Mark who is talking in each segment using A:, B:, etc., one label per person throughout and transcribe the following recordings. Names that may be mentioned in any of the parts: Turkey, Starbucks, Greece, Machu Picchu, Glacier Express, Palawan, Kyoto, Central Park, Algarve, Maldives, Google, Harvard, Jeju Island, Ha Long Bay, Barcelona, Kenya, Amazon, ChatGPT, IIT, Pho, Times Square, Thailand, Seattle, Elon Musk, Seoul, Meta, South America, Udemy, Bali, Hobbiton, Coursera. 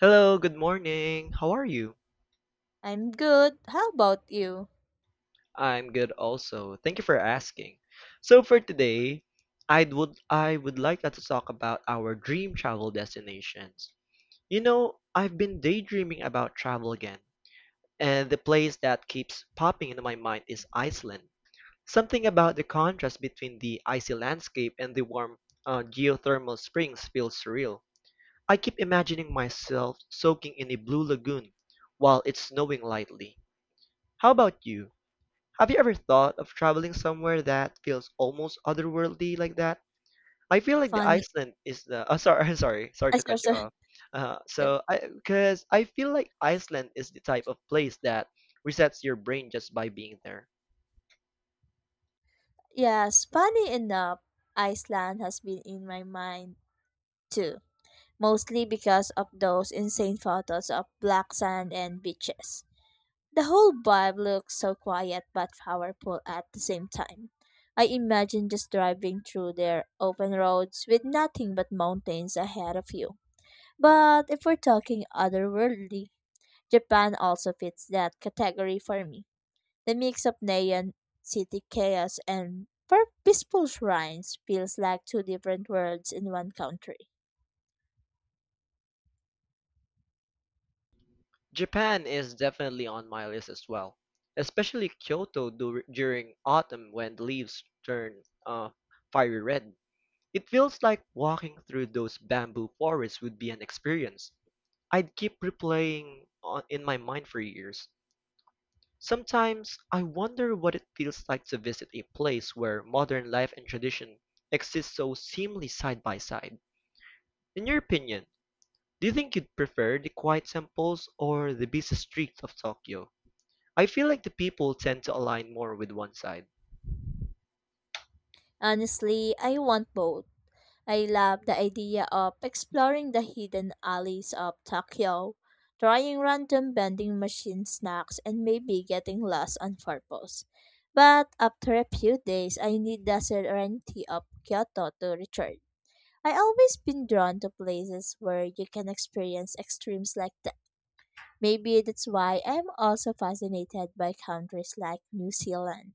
A: Hello, good morning. How are you?
B: I'm good. How about you?
A: I'm good also. Thank you for asking. So for today, I would like us to talk about our dream travel destinations. You know, I've been daydreaming about travel again, and the place that keeps popping into my mind is Iceland. Something about the contrast between the icy landscape and the warm geothermal springs feels surreal. I keep imagining myself soaking in a blue lagoon while it's snowing lightly. How about you? Have you ever thought of traveling somewhere that feels almost otherworldly like that? I feel like the
B: Funny.
A: Iceland is the. Oh, sorry, sorry, sorry
B: I
A: to
B: Sorry,
A: cut you
B: sorry.
A: off. Uh,
B: Yeah.
A: so I, because I feel like Iceland is the type of place that resets your brain just by being there.
B: Yes, funny enough, Iceland has been in my mind too, mostly because of those insane photos of black sand and beaches. The whole vibe looks so quiet but powerful at the same time. I imagine just driving through their open roads with nothing but mountains ahead of you. But if we're talking otherworldly, Japan also fits that category for me. The mix of neon city chaos and peaceful shrines feels like two different worlds in one country.
A: Japan is definitely on my list as well, especially during autumn when the leaves turn fiery red. It feels like walking through those bamboo forests would be an experience I'd keep replaying in my mind for years. Sometimes I wonder what it feels like to visit a place where modern life and tradition exist so seemingly side by side. In your opinion, do you think you'd prefer the quiet temples or the busy streets of Tokyo? I feel like the people tend to align more with one side.
B: Honestly, I want both. I love the idea of exploring the hidden alleys of Tokyo, trying random vending machine snacks, and maybe getting lost on purpose. But after a few days, I need the serenity of Kyoto to return. I always been drawn to places where you can experience extremes like that. Maybe that's why I'm also fascinated by countries like New Zealand.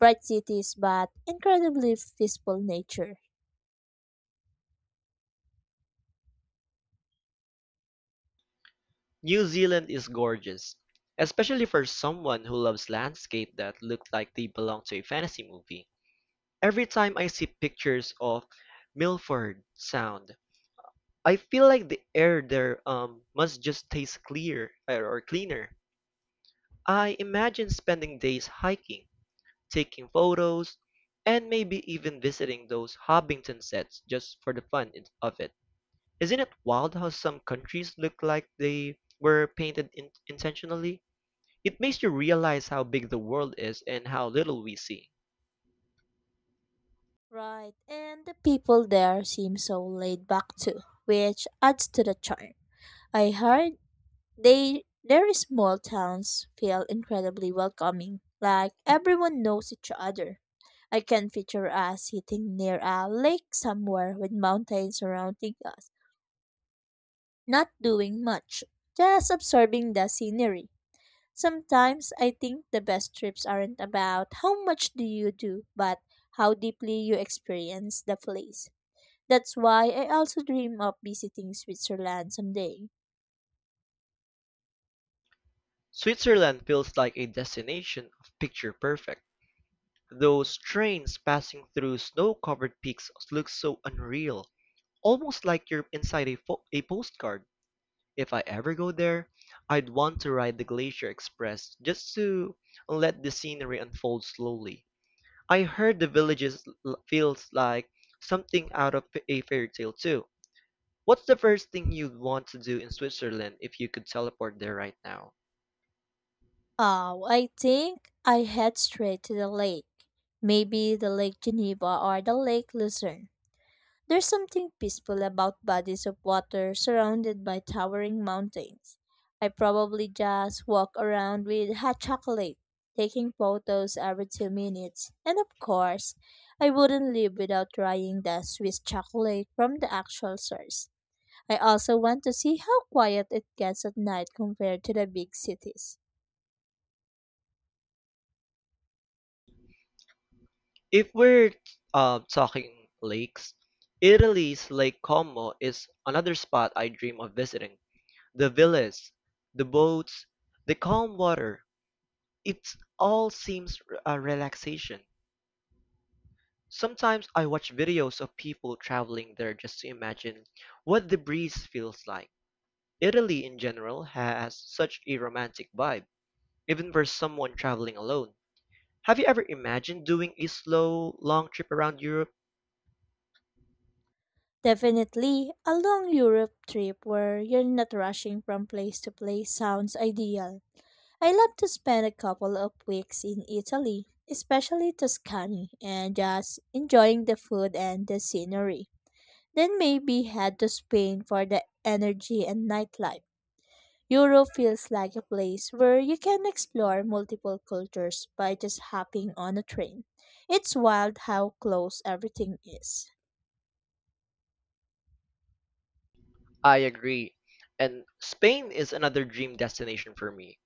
B: Bright cities but incredibly peaceful nature.
A: New Zealand is gorgeous, especially for someone who loves landscape that look like they belong to a fantasy movie. Every time I see pictures of Milford Sound, I feel like the air there must just taste clear or cleaner. I imagine spending days hiking, taking photos, and maybe even visiting those Hobbiton sets just for the fun of it. Isn't it wild how some countries look like they were intentionally? It makes you realize how big the world is and how little we see.
B: Right, and the people there seem so laid back too, which adds to the charm. I heard they their small towns feel incredibly welcoming, like everyone knows each other. I can picture us sitting near a lake somewhere with mountains surrounding us, not doing much, just absorbing the scenery. Sometimes I think the best trips aren't about how much do you do, but how deeply you experience the place. That's why I also dream of visiting Switzerland someday.
A: Switzerland feels like a destination of picture perfect. Those trains passing through snow-covered peaks look so unreal, almost like you're inside a postcard. If I ever go there, I'd want to ride the Glacier Express just to let the scenery unfold slowly. I heard the feels like something out of a fairy tale too. What's the first thing you'd want to do in Switzerland if you could teleport there right now?
B: Oh, I think I head straight to the lake. Maybe the Lake Geneva or the Lake Lucerne. There's something peaceful about bodies of water surrounded by towering mountains. I probably just walk around with hot chocolate, taking photos every 2 minutes. And of course, I wouldn't live without trying the Swiss chocolate from the actual source. I also want to see how quiet it gets at night compared to the big cities.
A: If we're talking lakes, Italy's Lake Como is another spot I dream of visiting. The villas, the boats, the calm water, it all seems a relaxation. Sometimes I watch videos of people traveling there just to imagine what the breeze feels like. Italy in general has such a romantic vibe, even for someone traveling alone. Have you ever imagined doing a slow, long trip around Europe?
B: Definitely, a long Europe trip where you're not rushing from place to place sounds ideal. I love to spend a couple of weeks in Italy, especially Tuscany, and just enjoying the food and the scenery. Then maybe head to Spain for the energy and nightlife. Europe feels like a place where you can explore multiple cultures by just hopping on a train. It's wild how close everything is.
A: I agree. And Spain is another dream destination for me.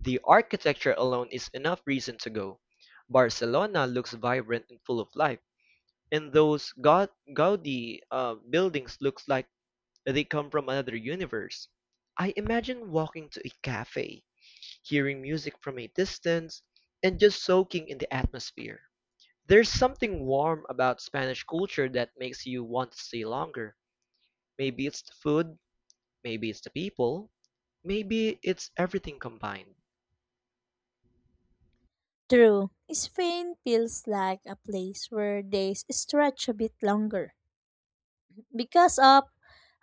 A: The architecture alone is enough reason to go. Barcelona looks vibrant and full of life, and those Gaudi buildings looks like they come from another universe. I imagine walking to a cafe, hearing music from a distance, and just soaking in the atmosphere. There's something warm about Spanish culture that makes you want to stay longer. Maybe it's the food, maybe it's the people, maybe it's everything combined.
B: True, Spain feels like a place where days stretch a bit longer because of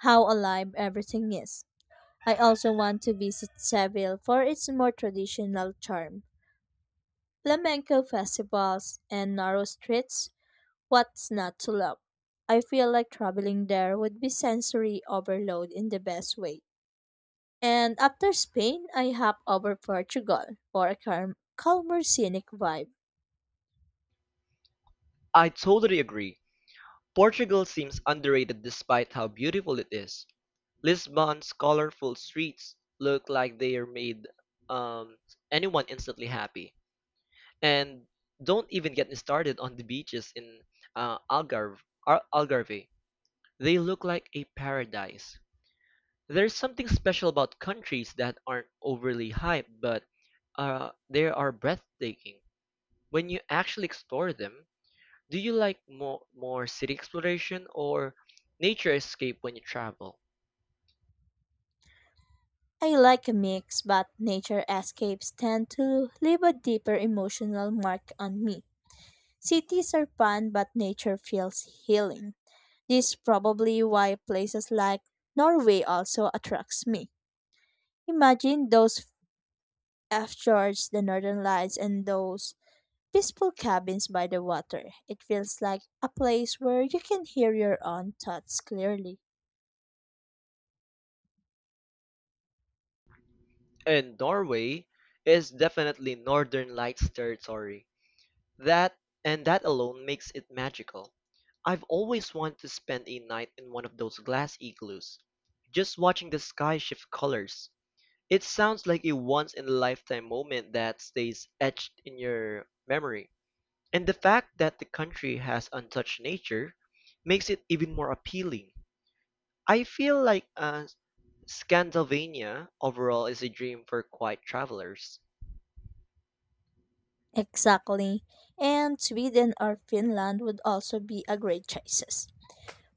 B: how alive everything is. I also want to visit Seville for its more traditional charm, flamenco festivals, and narrow streets. What's not to love? I feel like traveling there would be sensory overload in the best way. And after Spain, I hop over Portugal for a calmer scenic vibe.
A: I totally agree. Portugal seems underrated despite how beautiful it is. Lisbon's colorful streets look like they are made um, anyone instantly happy. And don't even get me started on the beaches in uh, Algarve, Algarve. They look like a paradise. There's something special about countries that aren't overly hyped, but they are breathtaking. When you actually explore them, do you like more city exploration or nature escape when you travel?
B: I like a mix, but nature escapes tend to leave a deeper emotional mark on me. Cities are fun, but nature feels healing. This is probably why places like Norway also attracts me. Imagine those fjords, the northern lights, and those peaceful cabins by the water. It feels like a place where you can hear your own thoughts clearly.
A: And Norway is definitely Northern Lights territory. That and that alone makes it magical. I've always wanted to spend a night in one of those glass igloos, just watching the sky shift colors. It sounds like a once in a lifetime moment that stays etched in your memory. And the fact that the country has untouched nature makes it even more appealing. I feel like Scandinavia overall is a dream for quiet travelers.
B: Exactly. And Sweden or Finland would also be a great choices.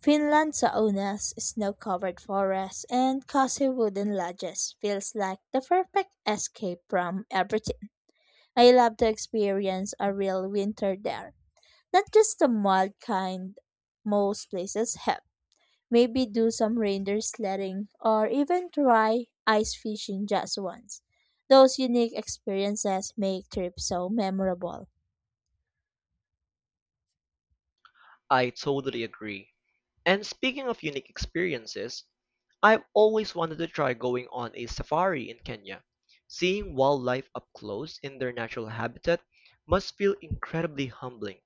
B: Finland's saunas, snow-covered forests, and cozy wooden lodges feels like the perfect escape from everything. I love to experience a real winter there, not just the mild kind most places have. Maybe do some reindeer sledding or even try ice fishing just once. Those unique experiences make trips so memorable.
A: I totally agree. And speaking of unique experiences, I've always wanted to try going on a safari in Kenya. Seeing wildlife up close in their natural habitat must feel incredibly humbling.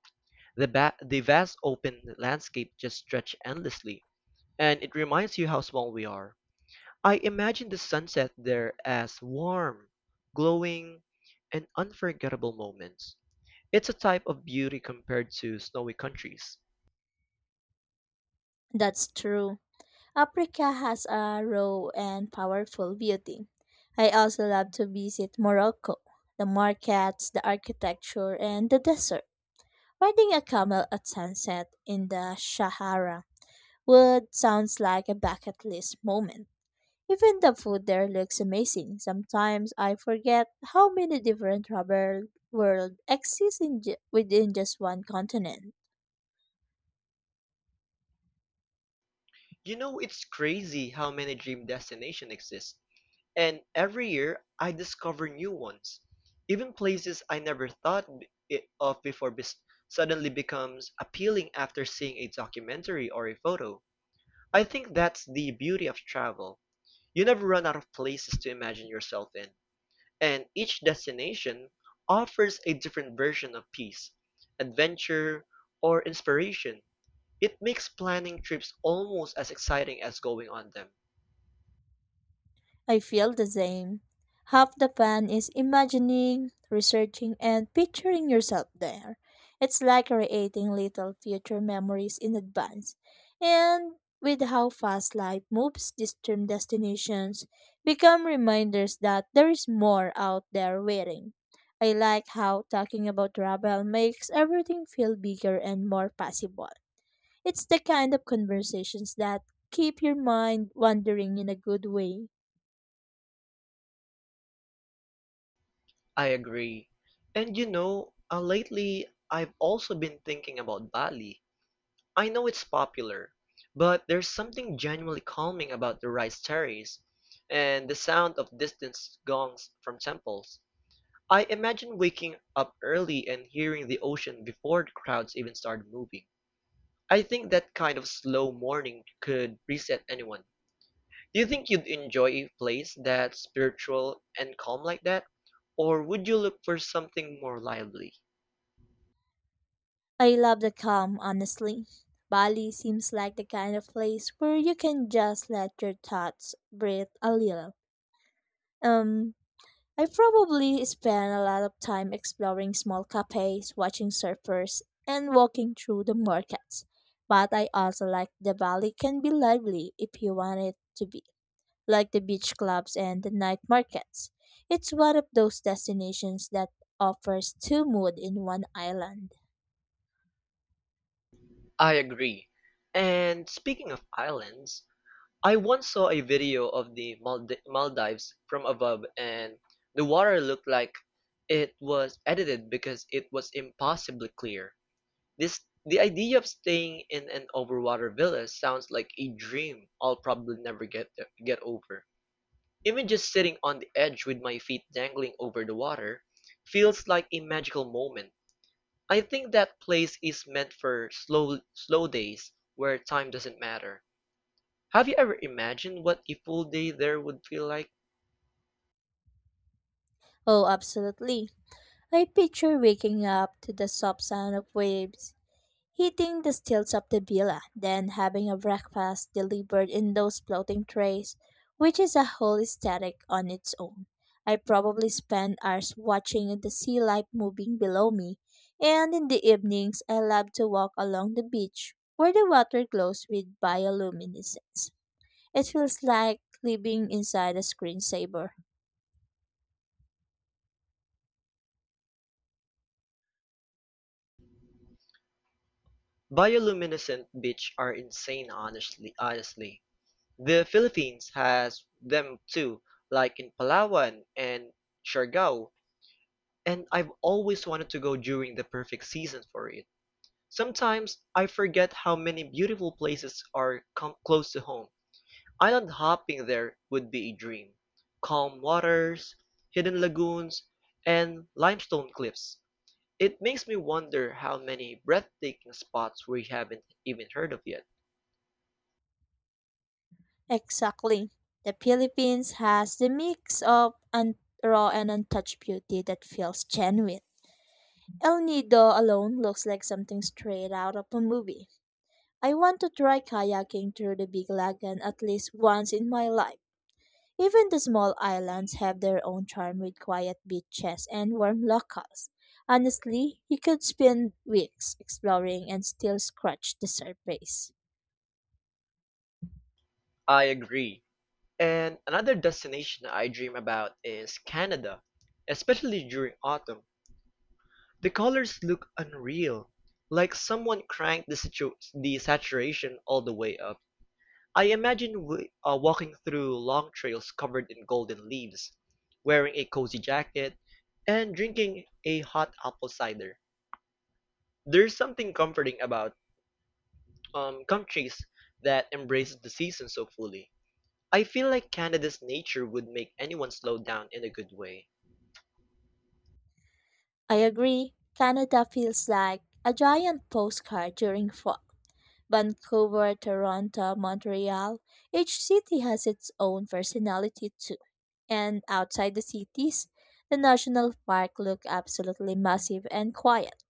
A: The vast open landscape just stretch endlessly, and it reminds you how small we are. I imagine the sunset there as warm, glowing, and unforgettable moments. It's a type of beauty compared to snowy countries.
B: That's true. Africa has a raw and powerful beauty. I also love to visit Morocco, the markets, the architecture, and the desert. Riding a camel at sunset in the Sahara would sounds like a bucket list moment. Even the food there looks amazing. Sometimes I forget how many different rubber world exist in within just one continent.
A: You know, it's crazy how many dream destinations exist, and every year I discover new ones. Even places I never thought b- it of before suddenly becomes appealing after seeing a documentary or a photo. I think that's the beauty of travel. You never run out of places to imagine yourself in. And each destination offers a different version of peace, adventure, or inspiration. It makes planning trips almost as exciting as going on them.
B: I feel the same. Half the fun is imagining, researching, and picturing yourself there. It's like creating little future memories in advance. And with how fast life moves, distant destinations become reminders that there is more out there waiting. I like how talking about travel makes everything feel bigger and more possible. It's the kind of conversations that keep your mind wandering in a good way.
A: I agree. And lately I've also been thinking about Bali. I know it's popular, but there's something genuinely calming about the rice terrace and the sound of distant gongs from temples. I imagine waking up early and hearing the ocean before the crowds even started moving. I think that kind of slow morning could reset anyone. Do you think you'd enjoy a place that's spiritual and calm like that? Or would you look for something more lively?
B: I love the calm, honestly. Bali seems like the kind of place where you can just let your thoughts breathe a little. Um, I probably spend a lot of time exploring small cafes, watching surfers, and walking through the markets. But I also like the Bali can be lively if you want it to be, like the beach clubs and the night markets. It's one of those destinations that offers two moods in one island.
A: I agree. And speaking of islands, I once saw a video of the Maldives from above, and the water looked like it was edited because it was impossibly clear. This the idea of staying in an overwater villa sounds like a dream I'll probably never get over. Even just sitting on the edge with my feet dangling over the water feels like a magical moment. I think that place is meant for slow days where time doesn't matter. Have you ever imagined what a full day there would feel like?
B: Oh, absolutely. I picture waking up to the soft sound of waves, hitting the stilts of the villa, then having a breakfast delivered in those floating trays, which is a whole aesthetic on its own. I probably spend hours watching the sea life moving below me, and in the evenings I love to walk along the beach where the water glows with bioluminescence. It feels like living inside a screensaver.
A: Bioluminescent beach are insane honestly. The Philippines has them too, like in Palawan and Siargao, and I've always wanted to go during the perfect season for it. Sometimes I forget how many beautiful places are close to home. Island hopping there would be a dream. Calm waters, hidden lagoons, and limestone cliffs. It makes me wonder how many breathtaking spots we haven't even heard of yet.
B: Exactly. The Philippines has the mix of raw and untouched beauty that feels genuine. El Nido alone looks like something straight out of a movie. I want to try kayaking through the Big Lagoon at least once in my life. Even the small islands have their own charm with quiet beaches and warm locals. Honestly, you could spend weeks exploring and still scratch the surface.
A: I agree. And another destination I dream about is Canada, especially during autumn. The colors look unreal, like someone cranked the saturation all the way up. I imagine walking through long trails covered in golden leaves, wearing a cozy jacket, and drinking a hot apple cider. There's something comforting about countries that embrace the season so fully. I feel like Canada's nature would make anyone slow down in a good way.
B: I agree. Canada feels like a giant postcard during fall. Vancouver, Toronto, Montreal, each city has its own personality too. And outside the cities, the national park looked absolutely massive and quiet.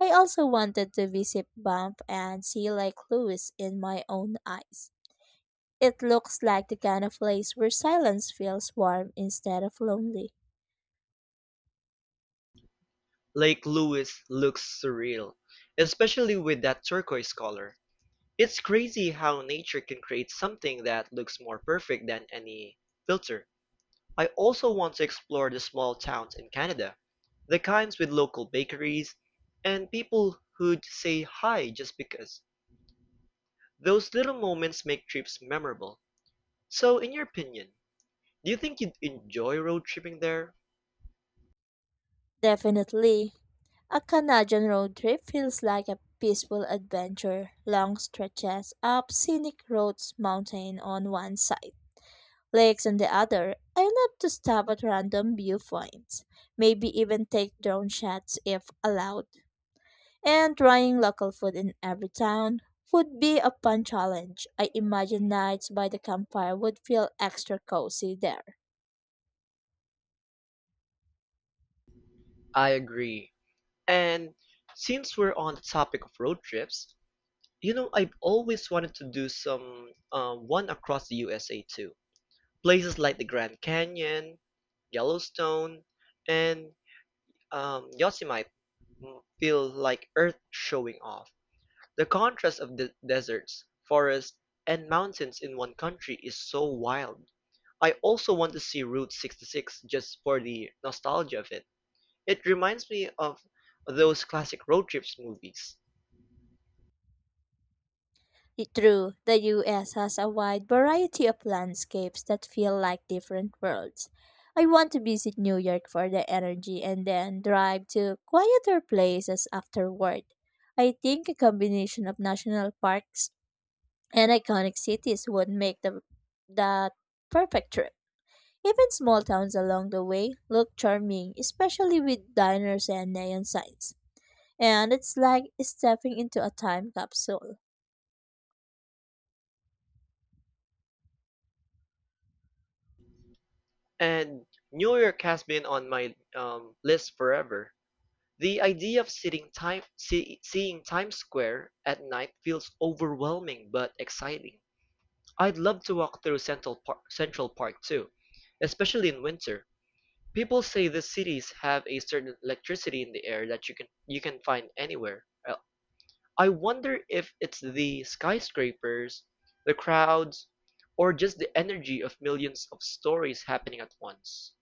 B: I also wanted to visit Banff and see Lake Louise in my own eyes. It looks like the kind of place where silence feels warm instead of lonely.
A: Lake Louise looks surreal, especially with that turquoise color. It's crazy how nature can create something that looks more perfect than any filter. I also want to explore the small towns in Canada, the kinds with local bakeries and people who'd say hi just because. Those little moments make trips memorable. So, in your opinion, do you think you'd enjoy road tripping there?
B: Definitely, a Canadian road trip feels like a peaceful adventure. Long stretches up scenic roads, mountain on one side, lakes on the other. I love to stop at random viewpoints, maybe even take drone shots if allowed. And trying local food in every town would be a fun challenge. I imagine nights by the campfire would feel extra cozy there.
A: I agree. And since we're on the topic of road trips, you know, I've always wanted to do some one across the USA too. Places like the Grand Canyon, Yellowstone, and Yosemite feel like Earth showing off. The contrast of the deserts, forests, and mountains in one country is so wild. I also want to see Route 66 just for the nostalgia of it. It reminds me of those classic road trips movies.
B: True, the US has a wide variety of landscapes that feel like different worlds. I want to visit New York for the energy and then drive to quieter places afterward. I think a combination of national parks and iconic cities would make the that perfect trip. Even small towns along the way look charming, especially with diners and neon signs. And it's like stepping into a time capsule.
A: And New York has been on my list forever. The idea of seeing Times Square at night feels overwhelming but exciting. I'd love to walk through Central Park too, especially in winter. People say the cities have a certain electricity in the air that you can find anywhere. I wonder if it's the skyscrapers, the crowds, or just the energy of millions of stories happening at once.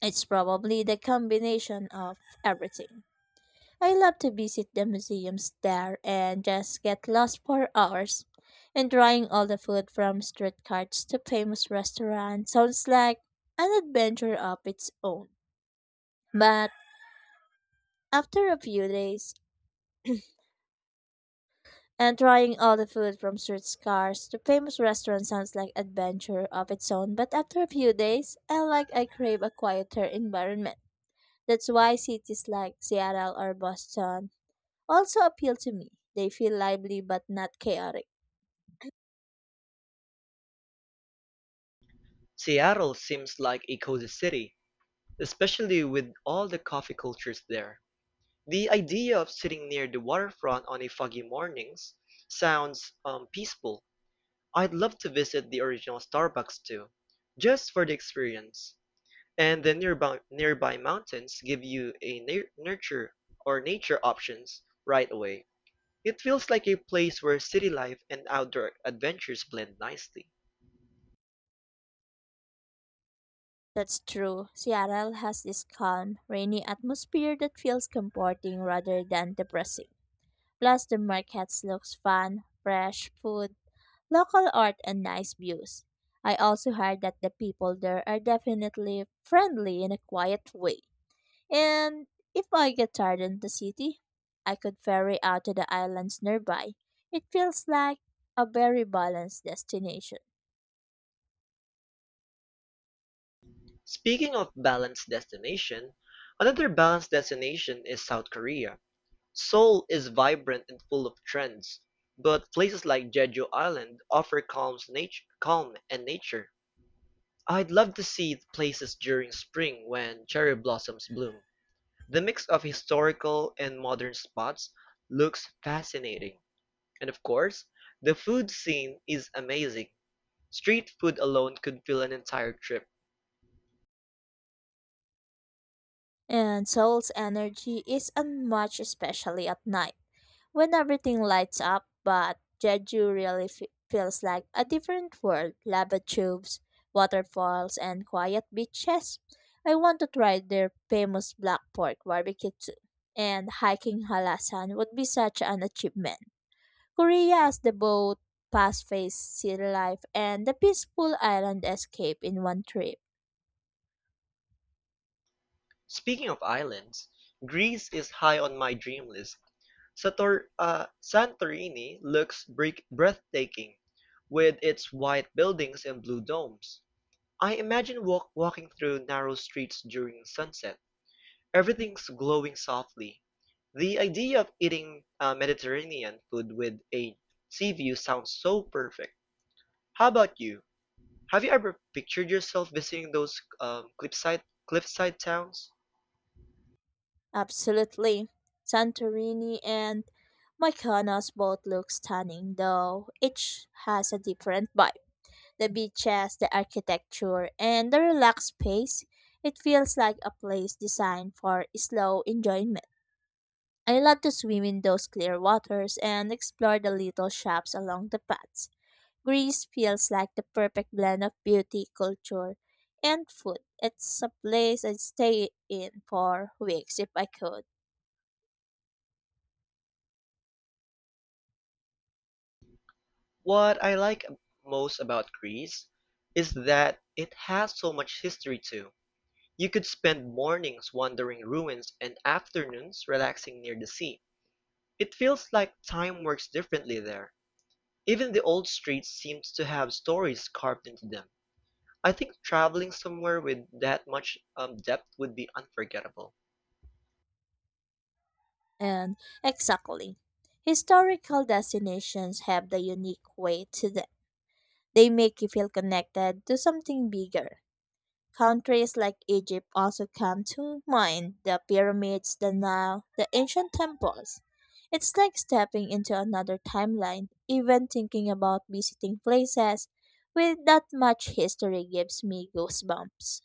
B: It's probably the combination of everything. I love to visit the museums there and just get lost for hours. And trying all the food from street carts to famous restaurants sounds like an adventure of its own. But after a few days, and trying all the food from street cars to famous restaurants sounds like adventure of its own. But after a few days, I crave a quieter environment. That's why cities like Seattle or Boston also appeal to me. They feel lively but not chaotic.
A: Seattle seems like a cozy city, especially with all the coffee cultures there. The idea of sitting near the waterfront on a foggy mornings sounds peaceful. I'd love to visit the original Starbucks too, just for the experience. And the nearby mountains give you a na- nurture or nature options right away. It feels like a place where city life and outdoor adventures blend nicely.
B: That's true. Seattle has this calm, rainy atmosphere that feels comforting rather than depressing. Plus, the markets looks fun, fresh food, local art, and nice views. I also heard that the people there are definitely friendly in a quiet way. And if I get tired in the city, I could ferry out to the islands nearby. It feels like a very balanced destination.
A: Speaking of balanced destination, another balanced destination is South Korea. Seoul is vibrant and full of trends, but places like Jeju Island offer calm and nature. I'd love to see places during spring when cherry blossoms bloom. The mix of historical and modern spots looks fascinating. And of course, the food scene is amazing. Street food alone could fill an entire trip.
B: And Seoul's energy is unmatched, especially at night when everything lights up. But Jeju really feels like a different world lava tubes, waterfalls, and quiet beaches. I want to try their famous black pork barbecue too. And hiking Halasan would be such an achievement. Korea has the boat, fast-paced city life, and the peaceful island escape in one trip.
A: Speaking of islands, Greece is high on my dream list. Sator Santorini looks breathtaking with its white buildings and blue domes. I imagine walking through narrow streets during sunset. Everything's glowing softly. The idea of eating Mediterranean food with a sea view sounds so perfect. How about you? Have you ever pictured yourself visiting those cliffside towns?
B: Absolutely. Santorini and Mykonos both look stunning, though each has a different vibe. The beaches, the architecture, and the relaxed pace. It feels like a place designed for slow enjoyment. I love to swim in those clear waters and explore the little shops along the paths. Greece feels like the perfect blend of beauty, culture, and food. It's a place I'd stay in for weeks if I could.
A: What I like most about Greece is that it has so much history too. You could spend mornings wandering ruins and afternoons relaxing near the sea. It feels like time works differently there. Even the old streets seem to have stories carved into them. I think traveling somewhere with that much depth would be unforgettable.
B: And exactly. Historical destinations have the unique way to them. They make you feel connected to something bigger. Countries like Egypt also come to mind the pyramids, the Nile, the ancient temples. It's like stepping into another timeline. Even thinking about visiting places with that much history gives me goosebumps.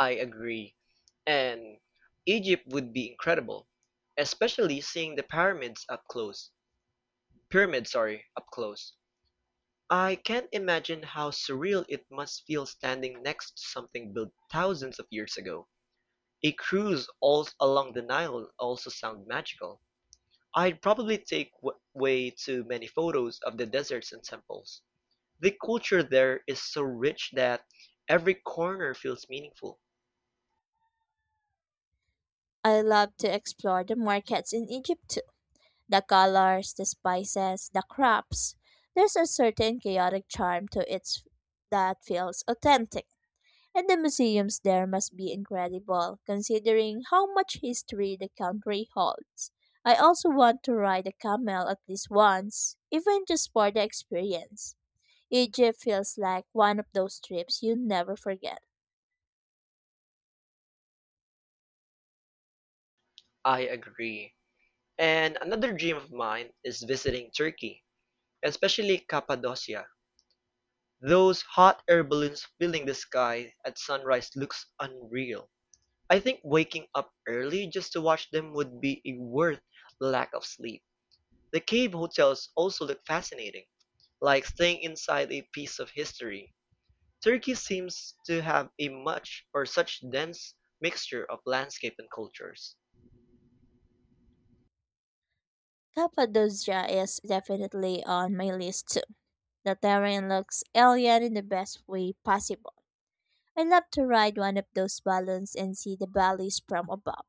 A: I agree. And Egypt would be incredible, especially seeing the pyramids up close. Pyramids, sorry, up close. I can't imagine how surreal it must feel standing next to something built thousands of years ago. A cruise all along the Nile also sounds magical. I'd probably take w way too many photos of the deserts and temples. The culture there is so rich that every corner feels meaningful.
B: I love to explore the markets in Egypt too. The colors, the spices, the crops. There's a certain chaotic charm to it that feels authentic. And the museums there must be incredible, considering how much history the country holds. I also want to ride a camel at least once, even just for the experience. Egypt feels like one of those trips you never forget.
A: I agree. And another dream of mine is visiting Turkey, especially Cappadocia. Those hot air balloons filling the sky at sunrise looks unreal. I think waking up early just to watch them would be a worth the lack of sleep. The cave hotels also look fascinating, like staying inside a piece of history. Turkey seems to have a much or such dense mixture of landscape and cultures.
B: Cappadocia is definitely on my list too. The terrain looks alien in the best way possible. I love to ride one of those balloons and see the valleys from above.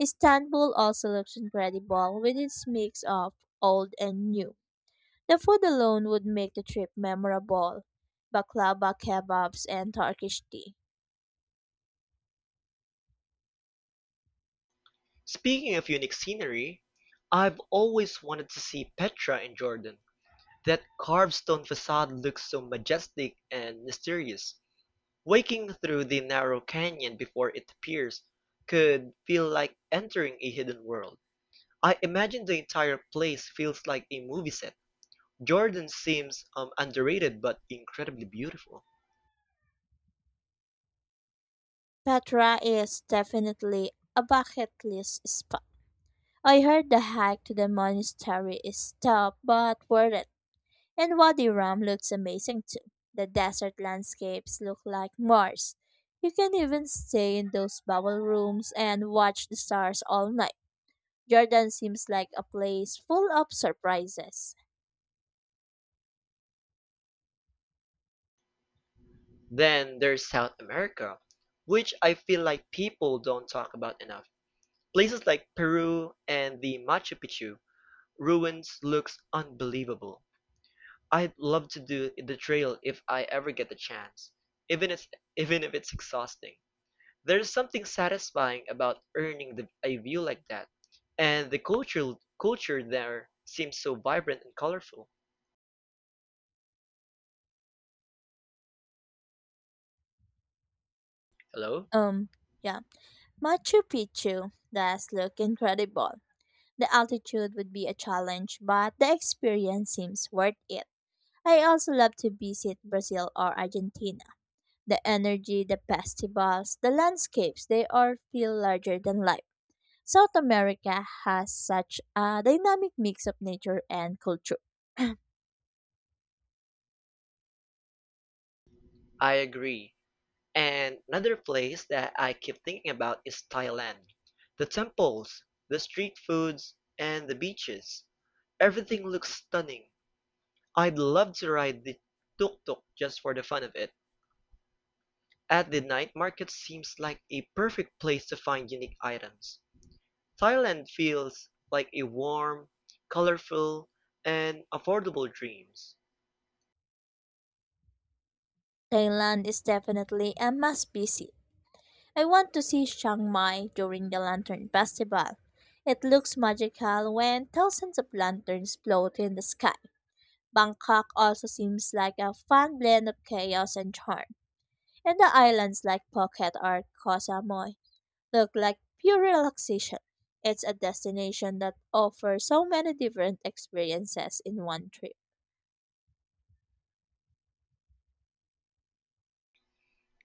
B: Istanbul also looks incredible with its mix of old and new. The food alone would make the trip memorable. Baklava kebabs and Turkish tea.
A: Speaking of unique scenery, I've always wanted to see Petra in Jordan. That carved stone facade looks so majestic and mysterious. Waking through the narrow canyon before it appears could feel like entering a hidden world. I imagine the entire place feels like a movie set. Jordan seems underrated but incredibly beautiful.
B: Petra is definitely a bucket list spot. I heard the hike to the monastery is tough but worth it. And Wadi Rum looks amazing too. The desert landscapes look like Mars. You can even stay in those bubble rooms and watch the stars all night. Jordan seems like a place full of surprises.
A: Then there's South America, which I feel like people don't talk about enough. Places like Peru and the Machu Picchu ruins looks unbelievable. I'd love to do the trail if I ever get the chance, even if even if it's exhausting. There's something satisfying about earning the, a view like that, and the culture there seems so vibrant and colorful. Hello?
B: Um, yeah. Machu Picchu does look incredible. The altitude would be a challenge, but the experience seems worth it. I also love to visit Brazil or Argentina the energy, the festivals, the landscapes, they all feel larger than life. South America has such a dynamic mix of nature and culture.
A: I agree. And another place that I keep thinking about is Thailand. The temples, the street foods, and the beaches. Everything looks stunning. I'd love to ride the tuk-tuk just for the fun of it. At the night market seems like a perfect place to find unique items. Thailand feels like a warm, colorful, and affordable dreams.
B: Thailand is definitely a must visit. I want to see Chiang Mai during the Lantern Festival. It looks magical when thousands of lanterns float in the sky. Bangkok also seems like a fun blend of chaos and charm. And the islands like Phuket or Koh Samui look like pure relaxation. It's a destination that offers so many different experiences in one trip.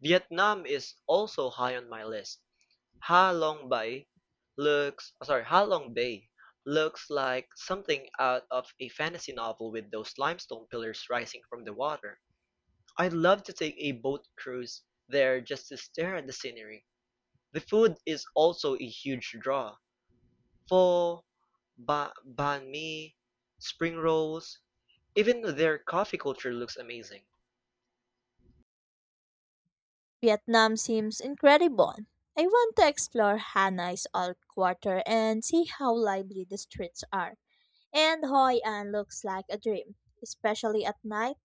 A: Vietnam is also high on my list. Ha Long Bay looks sorry, Ha Long Bay looks like something out of a fantasy novel with those limestone pillars rising from the water. I'd love to take a boat cruise there just to stare at the scenery. The food is also a huge draw. Pho, banh mi, spring rolls, even their coffee culture looks amazing.
B: Vietnam seems incredible. I want to explore Hanoi's old quarter and see how lively the streets are. And Hoi An looks like a dream, especially at night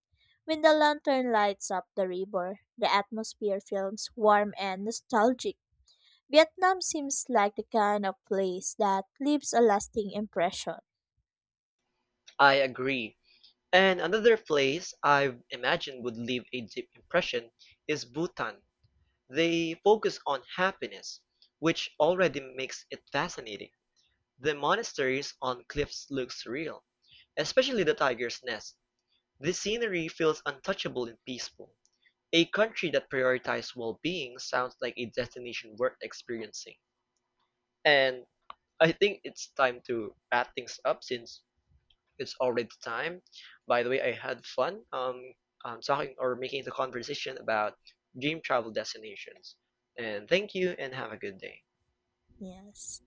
B: when the lantern lights up the river. The atmosphere feels warm and nostalgic. Vietnam seems like the kind of place that leaves a lasting impression.
A: I agree. And another place I've imagined would leave a deep impression is Bhutan. They focus on happiness, which already makes it fascinating. The monasteries on cliffs look surreal, especially the tiger's nest. The scenery feels untouchable and peaceful. A country that prioritizes well-being sounds like a destination worth experiencing. And I think it's time to wrap things up since it's already time. By the way, I had fun talking or making the conversation about dream travel destinations. And thank you and have a good day.
B: Yes.